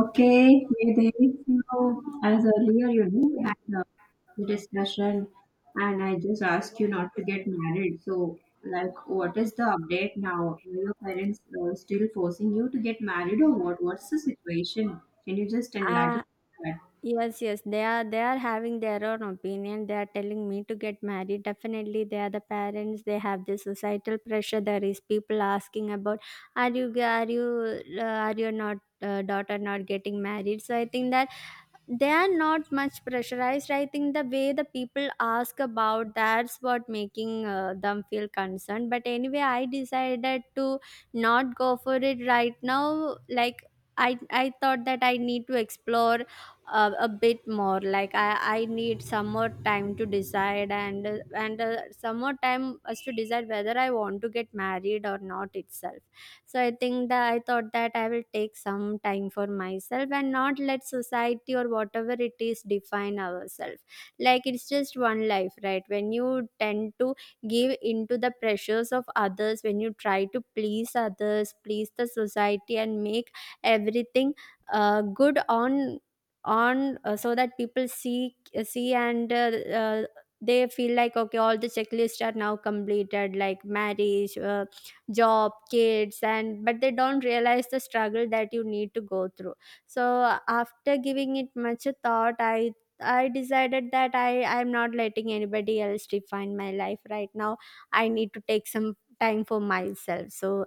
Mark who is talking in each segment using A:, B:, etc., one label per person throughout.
A: Okay, yeah, there is no, as earlier, we had the discussion, and I just asked you not to get married. So, like, what is the update now? Are your parents still forcing you to get married, or what? What's the situation? Can you just enlighten
B: Ah,
A: that?
B: yes, yes. They are having their own opinion. They are telling me to get married. Definitely, they are the parents. They have the societal pressure. There is people asking about, are you are your not daughter not getting married? So I think that they are not much pressurized. I think the way the people ask about that's what making them feel concerned. But anyway, I decided to not go for it right now. Like I thought that I need to explore a bit more. Like I need some more time to decide, and some more time as to decide whether I want to get married or not itself. So I think that I thought that I will take some time for myself and not let society or whatever it is define ourselves. Like it's just one life, right? When you tend to give into the pressures of others, when you try to please others, please the society and make everything good on so that people see see and uh, they feel like, okay, all the checklists are now completed, like marriage, job, kids. And but they don't realize the struggle that you need to go through. So after giving it much a thought, I decided that I'm not letting anybody else define my life right now. I need to take some time for myself. So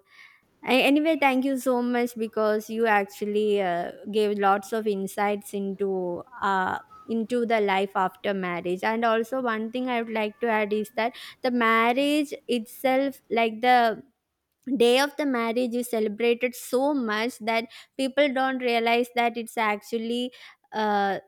B: anyway, thank you so much because you actually gave lots of insights into the life after marriage. And also, one thing I would like to add is that the marriage itself, like the day of the marriage, is celebrated so much that people don't realize that it's actually. Uh,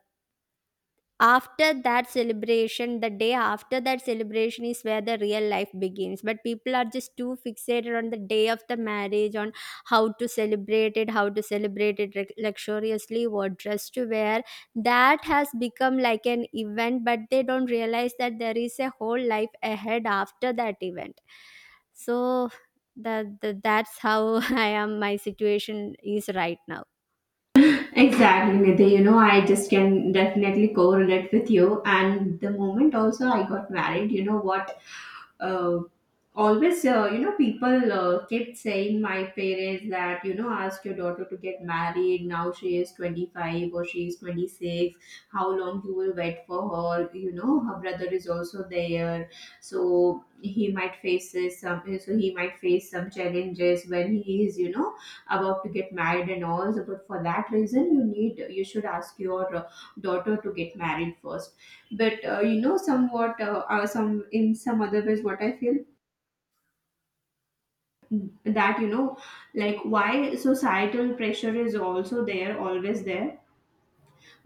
B: After that celebration, the day after that celebration is where the real life begins. But people are just too fixated on the day of the marriage, on how to celebrate it, how to celebrate it luxuriously, what dress to wear. That has become like an event, but they don't realize that there is a whole life ahead after that event. So that's how I am. My situation is right now.
A: Exactly, Nidhi. I just can definitely correlate with you. And the moment also I got married, you know what? Uh, Always, people kept saying my parents that, ask your daughter to get married. Now she is 25 or she is 26. How long you will wait for her? You know, her brother is also there. So he might face some challenges when he is, about to get married and all. So but for that reason you need, you should ask your daughter to get married first. But somewhat some, in some other ways, what I feel that like, why societal pressure is also there, always there?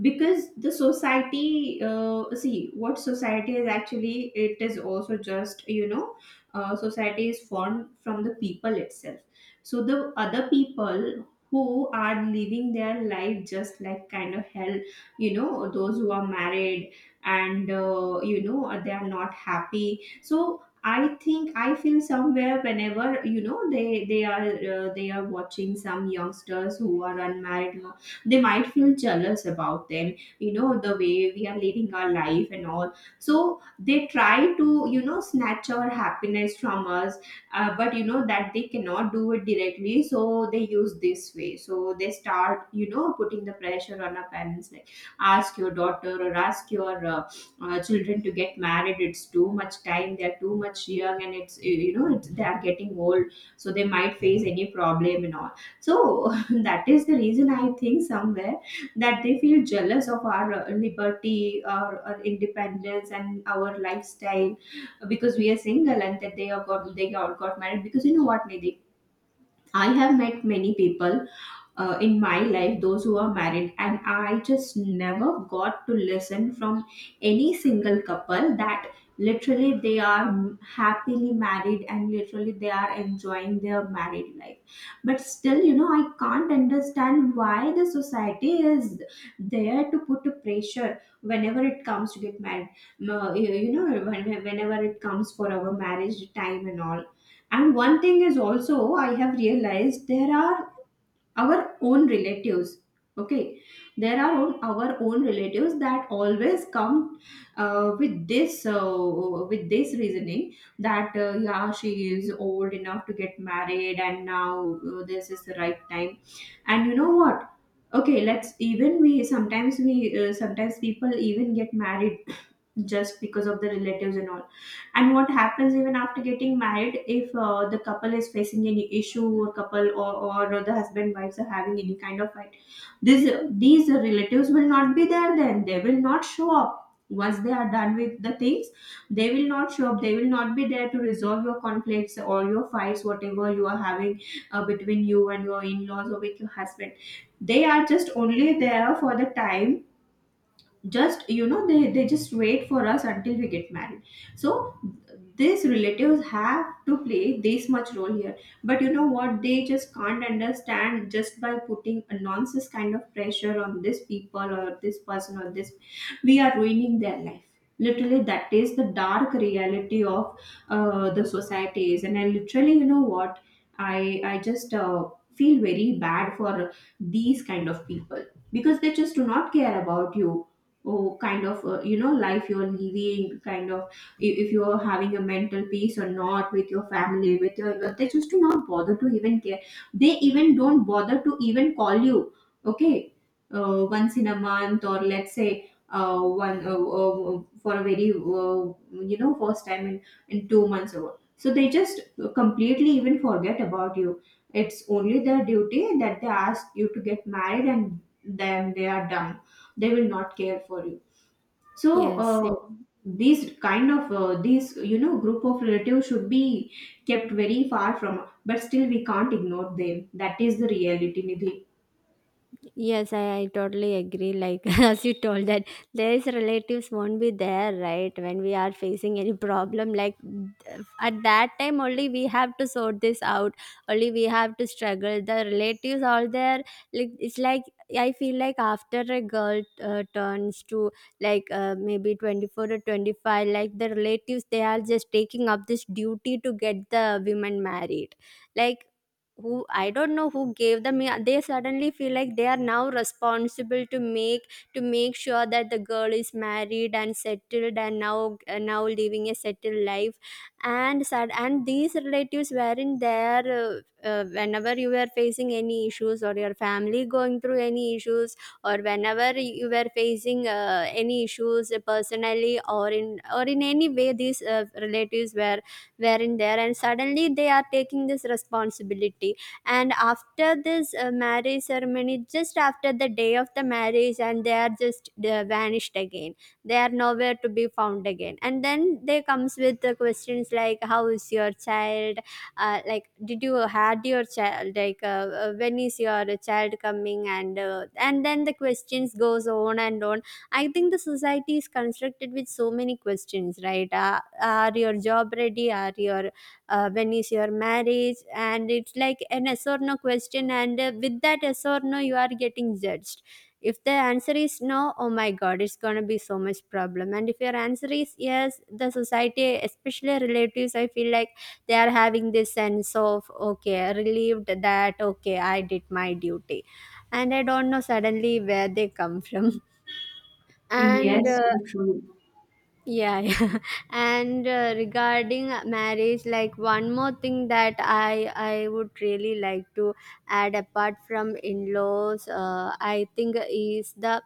A: Because the society, see what society is, actually it is also just, society is formed from the people itself. So the other people who are living their life just like kind of hell, those who are married and they are not happy. So I think I feel somewhere, whenever they are they are watching some youngsters who are unmarried, they might feel jealous about them, the way we are leading our life and all. So they try to, snatch our happiness from us. But that they cannot do it directly, so they use this way. So they start, putting the pressure on our parents, like, ask your daughter or ask your children to get married, it's too much time, they're too much young, and it's, they are getting old, so they might face any problem and all. So that is the reason, I think somewhere that they feel jealous of our liberty, our independence and our lifestyle, because we are single. And that they have got, they all got married. Because you know what, Nidhi? I have met many people in my life those who are married, and I just never got to listen from any single couple that literally they are happily married and literally they are enjoying their married life. But still, I can't understand why the society is there to put a pressure whenever it comes to get married. No, whenever it comes for our marriage time and all. And one thing is also I have realized, there are our own relatives, okay, there are on our own relatives that always come with this, with this reasoning that yeah, she is old enough to get married and now this is the right time. And you know what, okay, let's even we sometimes people even get married just because of the relatives and all. And what happens, even after getting married, if the couple is facing any issue, or couple, or the husband, wives are having any kind of fight, this these relatives will not be there then, they will not show up. Once they are done with the things, they will not show up, they will not be there to resolve your conflicts or your fights, whatever you are having between you and your in-laws or with your husband. They are just only there for the time. Just, they just wait for us until we get married. So these relatives have to play this much role here. But you know what, they just can't understand, just by putting a nonsense kind of pressure on this people or this person or this, we are ruining their life. Literally that is the dark reality of the societies. And I literally, you know what, I just feel very bad for these kind of people, because they just do not care about you. Oh, kind of, life you're living, kind of, if you're having a mental peace or not, with your family, with your loved-, they just do not bother to even care. They even don't bother to even call you, okay, once in a month, or let's say one for a very, first time in 2 months or what. So they just completely even forget about you. It's only their duty that they ask you to get married, and then they are done. They will not care for you. So
B: Yes,
A: these kind of these, group of relatives should be kept very far from, but still we can't ignore them. That is the reality, Nidhi.
B: yes, I totally agree. Like as you told that there is relatives won't be there, right? When we are facing any problem, like at that time only we have to sort this out. Only we have to struggle. The relatives all there, like it's like I feel like after a girl turns to like maybe 24 or 25, like the relatives, they are just taking up this duty to get the women married. Like who, I don't know who gave them. Yeah, they suddenly feel like they are now responsible to make sure that the girl is married and settled and now now living a settled life. And sad, and these relatives weren't there whenever you were facing any issues or your family going through any issues or whenever you were facing any issues personally or in any way. These relatives were wherein there, and suddenly they are taking this responsibility. And after this marriage ceremony, just after the day of the marriage, and they are just vanished again. They are nowhere to be found again, and then they comes with the questions like, how is your child, like did you had your child, like when is your child coming? And then the questions goes on and on. I think the society is constructed with so many questions, right? Are your job ready? Are your when is your marriage? And it's like an yes or no question, and with that yes or no, you are getting judged. If the answer is no, oh my god, it's gonna be so much problem. And if your answer is yes, the society, especially relatives, I feel like they are having this sense of, okay, relieved that, okay, I did my duty. And I don't know suddenly where they come from. and
A: Yes, so true.
B: yeah, yeah. and Regarding marriage, like one more thing that I would really like to add, apart from in-laws, I think is the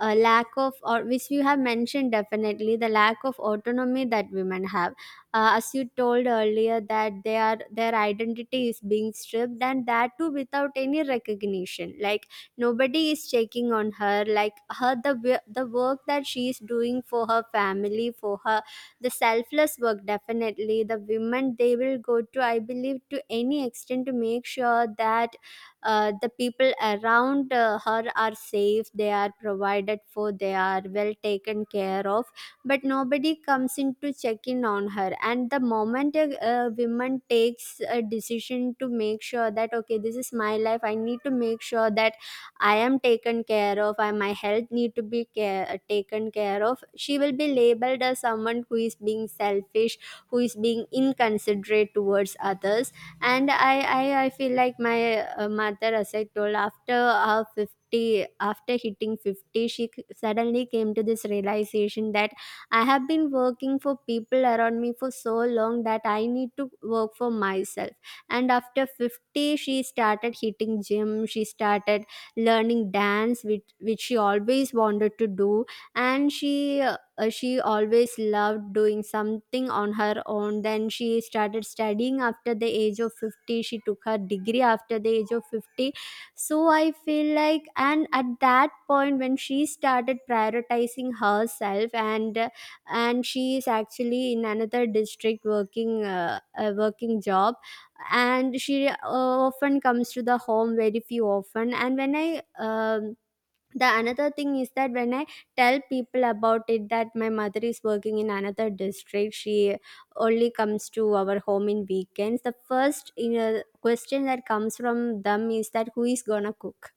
B: lack of, or which you have mentioned definitely, the lack of autonomy that women have. As you told earlier that their identity is being stripped, and that too without any recognition. Like nobody is checking on her, like her the work that she is doing for her family, for her, the selfless work. Definitely the women, they will go to, I believe, to any extent to make sure that the people around her are safe, they are provided for, they are well taken care of. But nobody comes in to check in on her. And the moment a woman takes a decision to make sure that, okay, this is my life, I need to make sure that I am taken care of, and my health need to be taken care of, she will be labeled as someone who is being selfish, who is being inconsiderate towards others. And I feel like my mother, as I told, after her 50, after hitting 50, suddenly came to this realization that I have been working for people around me for so long that I need to work for myself. And after 50, she started hitting gym, she started learning dance, which she always wanted to do. And she always loved doing something on her own. Then she started studying after the age of 50, she took her degree after the age of 50. So I feel like, and at that point when she started prioritizing herself. And and she is actually in another district working a working job. And she often comes to the home very few often. And when I the another thing is that when I tell people about it that my mother is working in another district, she only comes to our home in weekends, the first, you know, question that comes from them is that, who is gonna cook?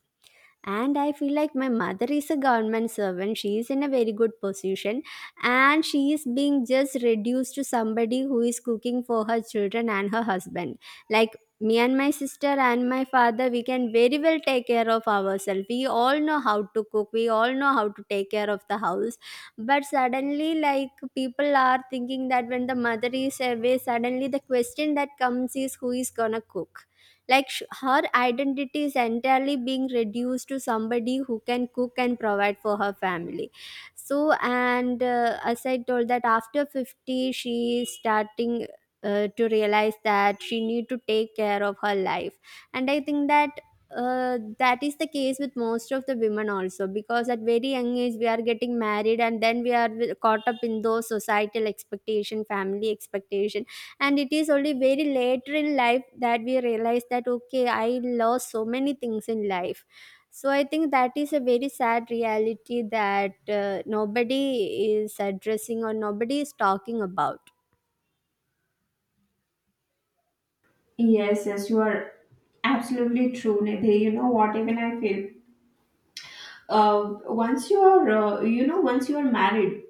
B: And I feel like my mother is a government servant. She is in a very good position, and she is being just reduced to somebody who is cooking for her children and her husband. Like me and my sister and my father, we can very well take care of ourselves. We all know how to cook, we all know how to take care of the house. But suddenly, like people are thinking that when the mother is away, suddenly the question that comes is, who is gonna cook? Like her identity is entirely being reduced to somebody who can cook and provide for her family. So and as I told, that after 50 she is starting to realize that she need to take care of her life. And I think that that is the case with most of the women also, because at very young age we are getting married, and then we are caught up in those societal expectation, family expectation. And it is only very later in life that we realize that, okay, I lost so many things in life. So I think that is a very sad reality that nobody is addressing or nobody is talking about.
A: Yes, yes, you are absolutely true, Nidhi. You know what, even I feel uh, once you are, once you are married,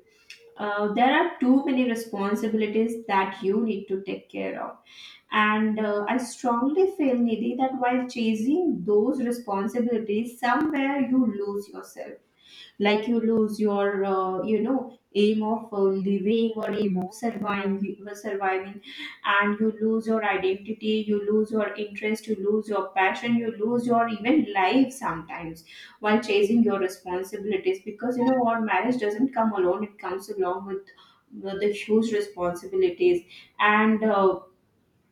A: There are too many responsibilities that you need to take care of. And I strongly feel, Nidhi, that while chasing those responsibilities, somewhere you lose yourself, like you lose your aim of living or aim of surviving, and you lose your identity, you lose your interest, you lose your passion, you lose your even life sometimes, while chasing your responsibilities. Because you know what, marriage doesn't come alone, it comes along with the huge responsibilities. And uh,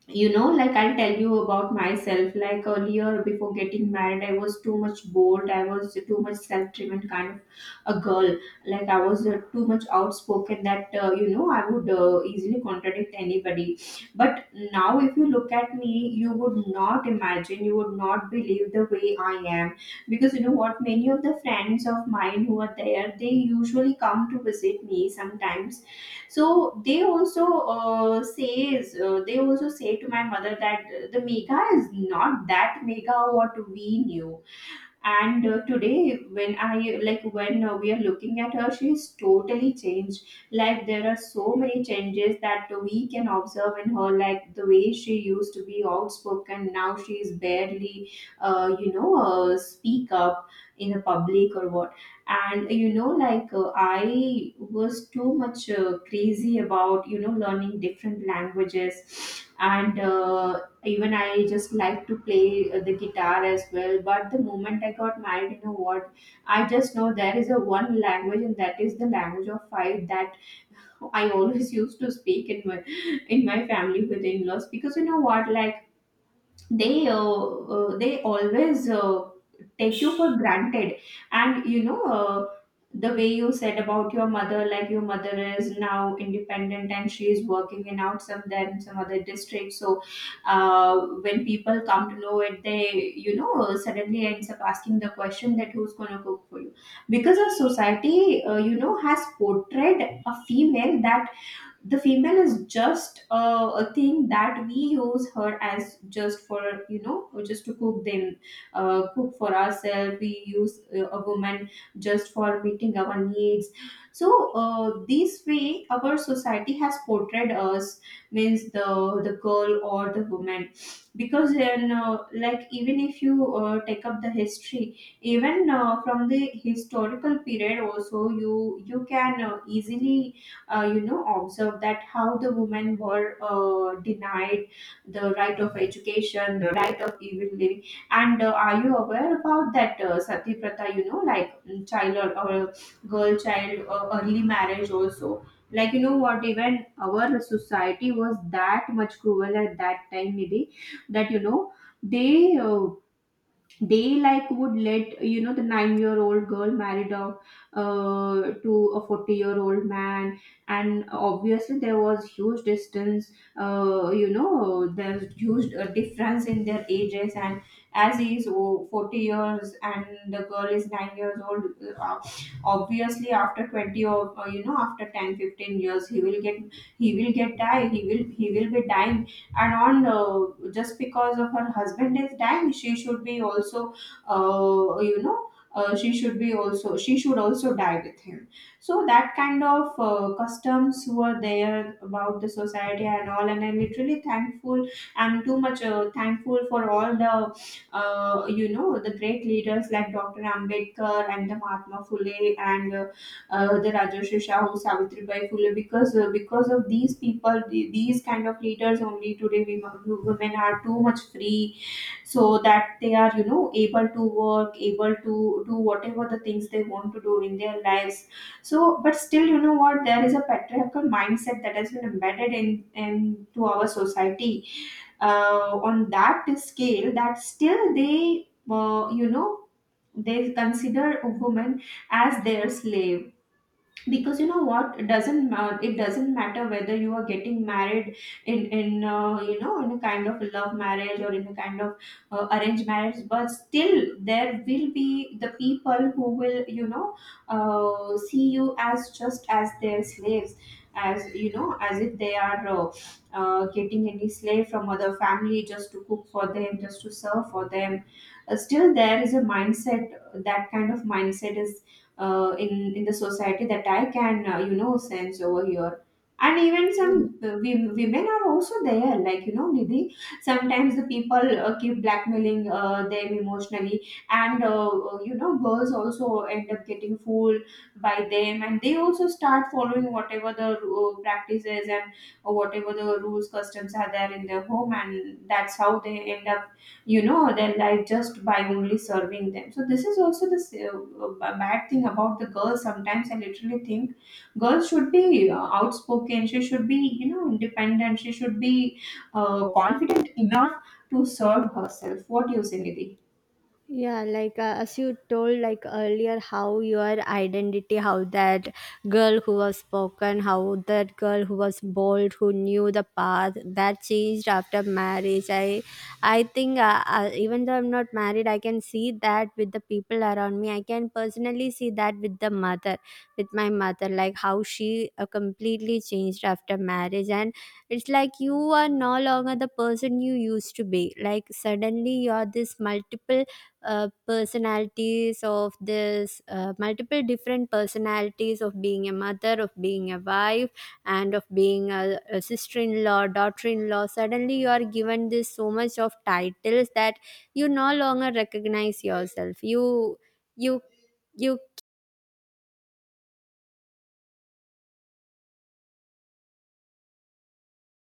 A: you know like, I'll tell you about myself. Like, earlier, before getting married, I was too much bold, I was too much self-driven kind of a girl. Like I was too much outspoken, that I would easily contradict anybody. But now, if you look at me, you would not imagine, you would not believe the way I am. Because you know what, many of the friends of mine who are there, they usually come to visit me sometimes. So they also says they also say to my mother that the Megha is not that Mega what we knew. And today when I like when we are looking at her, she's totally changed. Like, there are so many changes that we can observe in her, like the way she used to be outspoken, now she's barely speak up in the public or what. And I was too much crazy about, learning different languages. And even I just like to play the guitar as well. But the moment I got married, you know what, I just know there is a one language, and that is the language of fight, that I always used to speak in my, in my family with in-laws. Because you know what, like, they always take you for granted. And the way you said about your mother, like, your mother is now independent and she is working in, out some, then some other district. So when people come to know it, they, suddenly ends up asking the question that who's going to cook for you? Because our society, has portrayed a female, that the female is just a thing that we use her as just for, just to cook them, cook for ourselves, we use a woman just for meeting our needs. So this way our society has portrayed us, means the girl or the woman. Because then like, even if you take up the history, even from the historical period also, you can easily observe that how the women were denied the right of education, the right of even living. And are you aware about that sati pratha? Like child or girl child, early marriage also. Like, you know what, even our society was that much cruel at that time, maybe. That, you know, they uh, they like would, let the 9-year-old old girl married a to a 40-year-old man. And obviously there was huge distance. There's huge difference in their ages. And as he is, oh, 40 years, and the girl is 9 years old. uh, Obviously, after 20 or, after 10, 15 years, he will get die. He will be dying. And on just because of her husband is dying, she should be also uh, you know she should also die with him. So that kind of customs were there about the society and all. And I'm literally thankful. I'm too much thankful for all the, the great leaders like Dr. Ambedkar and the Mahatma Phule and the Rajashri Shahu, Savitribai Phule, because of these people, these kind of leaders, only today we, women, are too much free, so that they are, able to work, able to do whatever the things they want to do in their lives. So, but still, you know what? There is a patriarchal mindset that has been embedded in into our society, on that scale, that still they you know they consider a woman as their slave. Because you know what, it doesn't matter whether you are getting married in you know in a kind of love marriage or in a kind of arranged marriage. But still there will be the people who will, see you as just as their slaves, as you know as if they are getting any slave from other family, just to cook for them, just to serve for them. Still there is a mindset, that kind of mindset is in the society, that I can, sense over here. And even some women are also there, like, you know, Nidhi. Sometimes the people keep blackmailing them emotionally, and girls also end up getting fooled by them, and they also start following whatever the practices, and or whatever the rules, customs are there in their home, and that's how they end up, their life just by only serving them. So this is also the bad thing about the girls. Sometimes I literally think girls should be outspoken, she should be, independent, she should be confident enough to serve herself. What do you say, Nidhi?
B: Yeah, like as you told, like earlier how your identity, how that girl who was spoken, how that girl who was bold, who knew the path, that changed after marriage. I think even though I'm not married, I can see that with the people around me. I can personally see that with the mother, with my mother, like how she completely changed after marriage. And it's like you are no longer the person you used to be. Like suddenly you're this multiple personalities of this multiple different personalities of being a mother, of being a wife, and of being a sister-in-law, daughter-in-law. Suddenly you are given this so much of titles that you no longer recognize yourself. You you you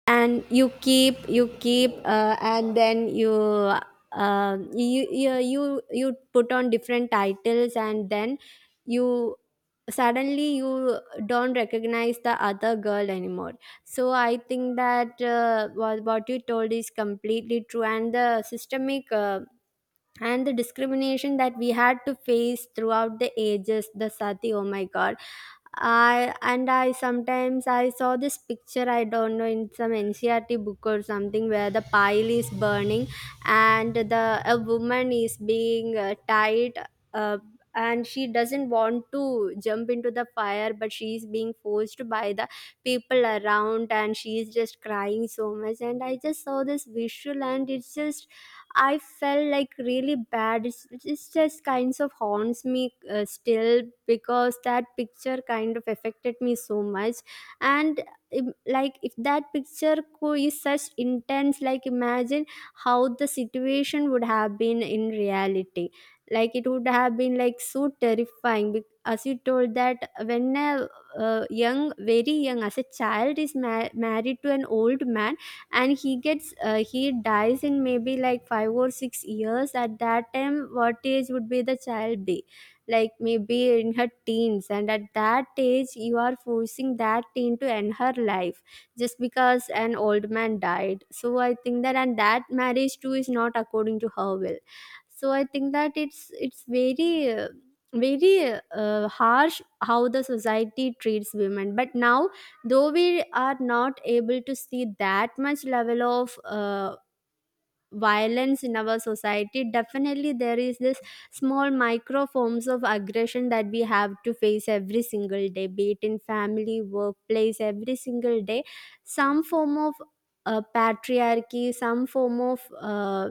B: and you keep, you keep, and then you you put on different titles, and then you suddenly you don't recognize the other girl anymore. So I think that what you told is completely true. And the systemic and the discrimination that we had to face throughout the ages, the sati, oh my god. I And I sometimes, I saw this picture, I don't know, in some ncrt book or something, where the pile is burning and the a woman is being tied uh, and she doesn't want to jump into the fire, but she is being forced By the people around, and she is just crying so much, and I just saw this visual, and it's just I felt like really bad. It's just kinds of haunts me still because that picture kind of affected me so much. And like if that picture is such intense, like imagine how the situation would have been in reality. Like it would have been like so terrifying. As you told that when a young, very young, as a child is married to an old man and he gets he dies in maybe like 5 or 6 years. At that time, what age would be the child be? Like maybe in her teens, and at that age you are forcing that teen to end her life just because an old man died. So I think that, and that marriage too is not according to her will. So I think that it's very very harsh how the society treats women. But now, though we are not able to see that much level of violence in our society, definitely there is this small micro forms of aggression that we have to face every single day, be it in family, workplace, every single day. Some form of patriarchy, some form of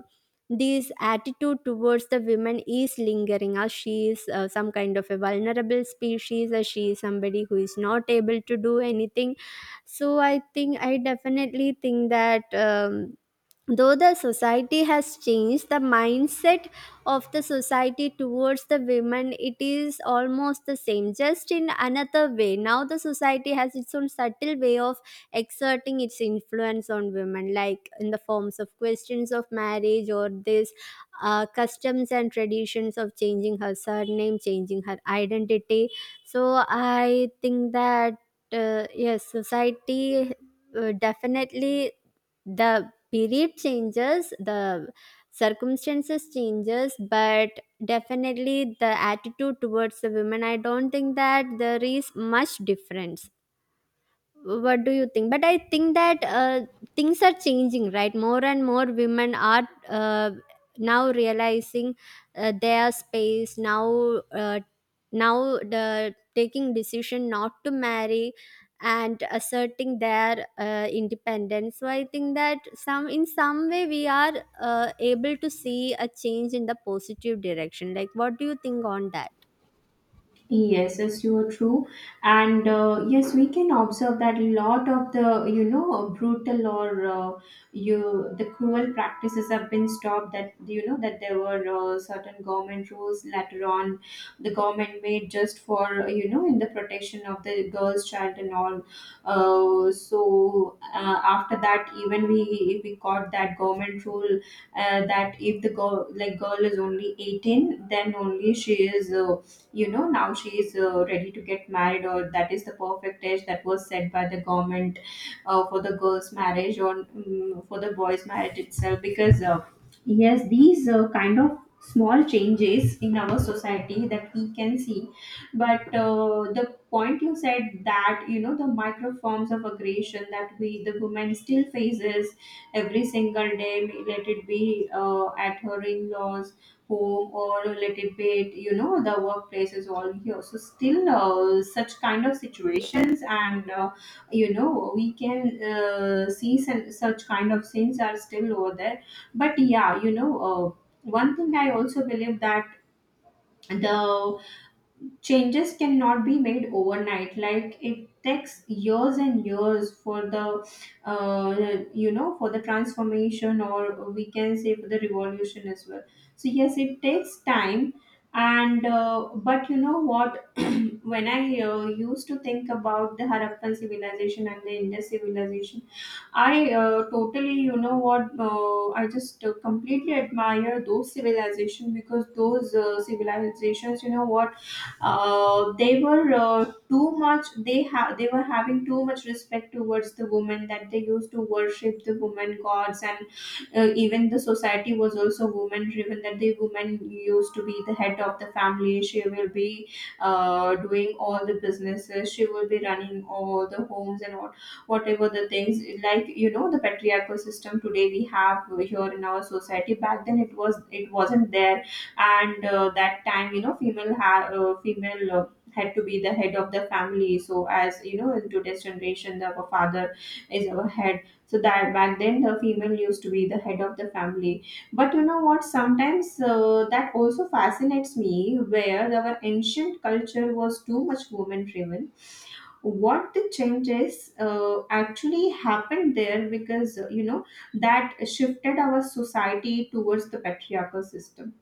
B: this attitude towards the women is lingering, as she is some kind of a vulnerable species, as she is somebody who is not able to do anything. So I think I definitely think that though the society has changed, the mindset of the society towards the women, it is almost the same, just in another way. Now the society has its own subtle way of exerting its influence on women, like in the forms of questions of marriage, or this customs and traditions of changing her surname, changing her identity. So I think that yes, society definitely, the period changes, the circumstances changes, but definitely the attitude towards the women, I don't think that there is much difference. What do you think? But I think that things are changing, right? More and more women are now realizing their space. Now now the taking decision not to marry and asserting their independence. So I think that some in some way we are able to see a change in the positive direction. Like what do you think on that?
A: Yes, yes, you are true. And yes, we can observe that a lot of the, brutal or you the cruel practices have been stopped. That, that there were certain government rules later on, the government made just for, in the protection of the girls' child and all. So after that, even we got that government rule, that if the girl, like, girl is only 18, then only she is, now she is ready to get married. Or that is the perfect age that was set by the government for the girls marriage, or for the boys marriage itself. Because Yes, these kind of small changes in our society that we can see. But the point you said that, you know, the micro forms of aggression that we, the woman, still faces every single day, let it be at her in-laws home, or a little bit, you know, the workplace is all here. So still, such kind of situations, and we can, see some, such kind of things are still over there. But yeah, one thing I also believe, that the changes cannot be made overnight. Like, it takes years and years for the, uh, for the transformation, or we can say for the revolution as well. So yes, it takes time. And But you know what, when I used to think about the Harappan civilization and the Indus civilization, I, totally, you know what, I just completely admire those civilizations. Because those civilizations, you know what, they were, too much, they were having too much respect towards the women, that they used to worship the women gods. And even the society was also woman driven, that the woman used to be the head of the family. She will be doing all the businesses, she will be running all the homes and all, whatever the things, like, you know, the patriarchal system today we have here in our society. Back then, it wasn't there. And that time, you know, female had to be the head of the family. So, as you know, in today's generation, the our father is our head. So that back then, the female used to be the head of the family. But you know what, sometimes that also fascinates me, where our ancient culture was too much woman driven. What the changes actually happened there? Because that shifted our society towards the patriarchal system.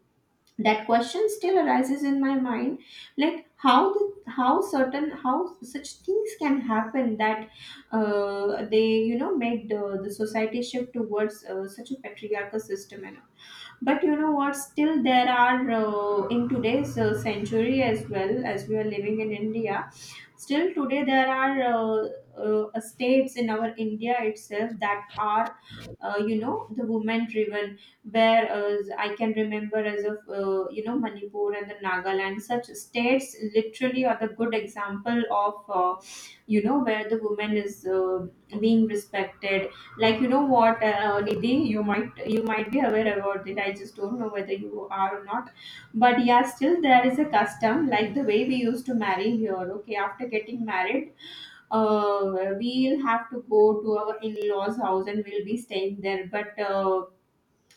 A: That question still arises in my mind, like how how certain, how such things can happen, that they, made the society shift towards such a patriarchal system. And but you know what, still there are, in today's century, as well as we are living in India, still today there are states in our India itself that are, the women driven, where I can remember, as of, Manipur and the Nagaland. Such states literally are the good example of, you know, where the woman is being respected. Like, you know what, Nidhi, you might be aware about it. I just don't know whether you are or not. But yeah, still there is a custom, like the way we used to marry here. Okay, after getting married, uh, we'll have to go to our in-laws' house and we'll be staying there. But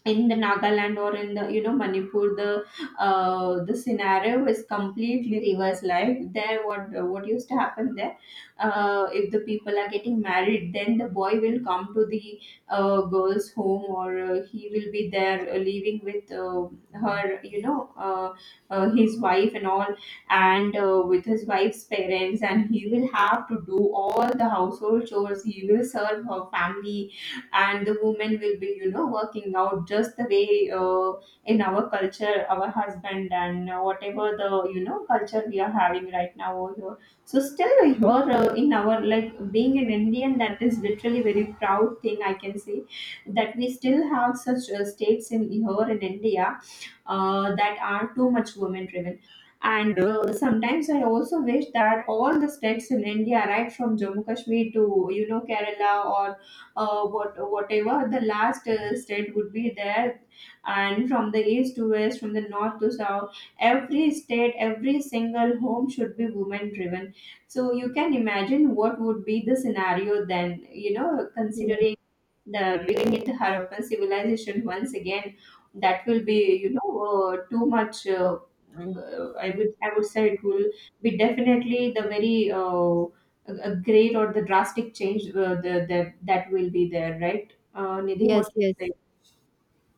A: in the Nagaland or in the, you know, Manipur, the scenario is completely reverse. Like there, what used to happen there? If the people are getting married, then the boy will come to the girl's home, or he will be there, living with, her, you know, his wife and all, and with his wife's parents, and he will have to do all the household chores. He will serve her family, and the woman will be, you know, working out just the way, in our culture our husband, and whatever the, you know, culture we are having right now over here. So still here, in our, like, being an Indian, that is literally very proud thing, I can say, that we still have such states in here in India, that are too much women driven. And sometimes I also wish that all the states in India, right from Jammu Kashmir to, you know, Kerala, or whatever the last state would be there, and from the east to west, from the north to south, every state, every single home should be women driven. So you can imagine what would be the scenario then, you know,
B: Yes,
A: considering the bringing it Harappan civilization once again. That will be, too much. I would say it will be definitely the very, a great or the drastic change, that will be there, right? Nidhi, what
B: yes,
A: you
B: yes.
A: say?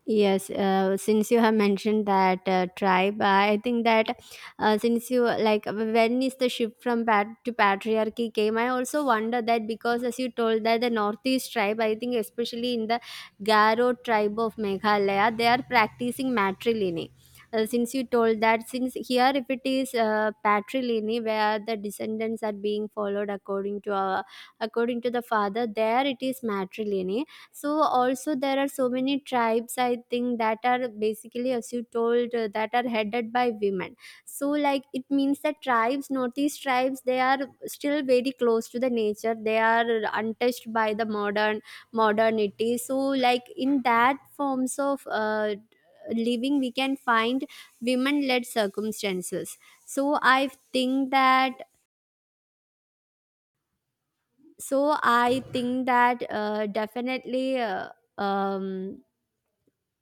B: Yes, since you have mentioned that tribe, I think that since you like when is the shift from pat to patriarchy came, I also wonder that, because as you told that the northeast tribe, I think especially in the Garo tribe of Meghalaya, they are practicing matrilineal. Since you told that, since here if it is patrilineal, where the descendants are being followed according to according to the father, there it is matrilineal. So also there are so many tribes, I think, that are basically, as you told that are headed by women. So like it means that tribes, northeast tribes, they are still very close to the nature. They are untouched by the modern modernity. So like in that forms of living, we can find women-led circumstances. So I think that definitely. Um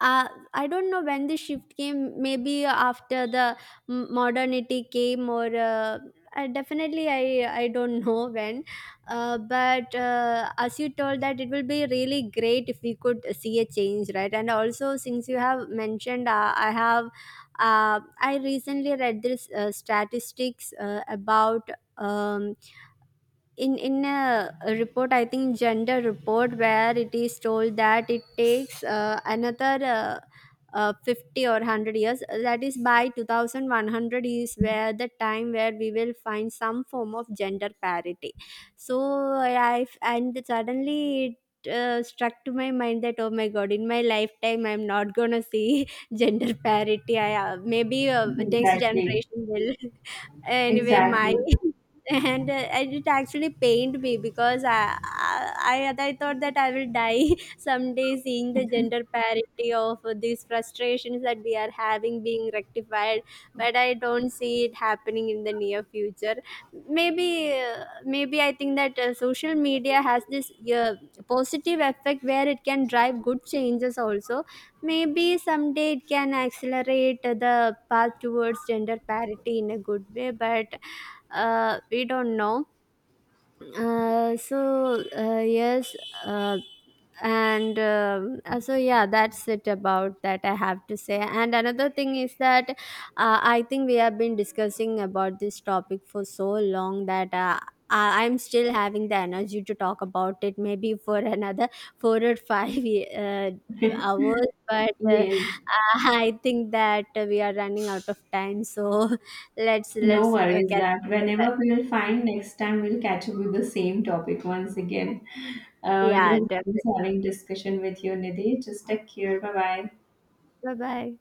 B: uh, I don't know when the shift came. Maybe after the modernity came, or I definitely I don't know when. But As you told that it will be really great if we could see a change, right? And also since you have mentioned, I have I recently read this statistics about. Um, in a report, I think gender report, where it is told that it takes another 50 or 100 years, that is by 2100 is where the time where we will find some form of gender parity. So I, and suddenly it struck to my mind that, oh my god, in my lifetime I'm not gonna see gender parity. I maybe next
A: Exactly,
B: generation will anyway my
A: exactly.
B: and it actually pained me because I thought that I will die someday seeing the gender parity of these frustrations that we are having being rectified, but I don't see it happening in the near future. Maybe I think that social media has this positive effect where it can drive good changes also. Maybe someday it can accelerate the path towards gender parity in a good way, but we don't know. Yes. uh, and so yeah, that's it about that I have to say. And another thing is that I think we have been discussing about this topic for so long that I'm still having the energy to talk about it maybe for another four or five uh, hours, but
A: Yes,
B: I think that we are running out of time, so let's
A: no
B: let's uh,
A: worries
B: catch
A: that
B: up.
A: whenever we'll find next time we'll catch up with the same topic once again. It
B: Yeah,
A: was a nice
B: definitely.
A: having discussion with you, Nidhi. Just take care. Bye bye.
B: Bye bye.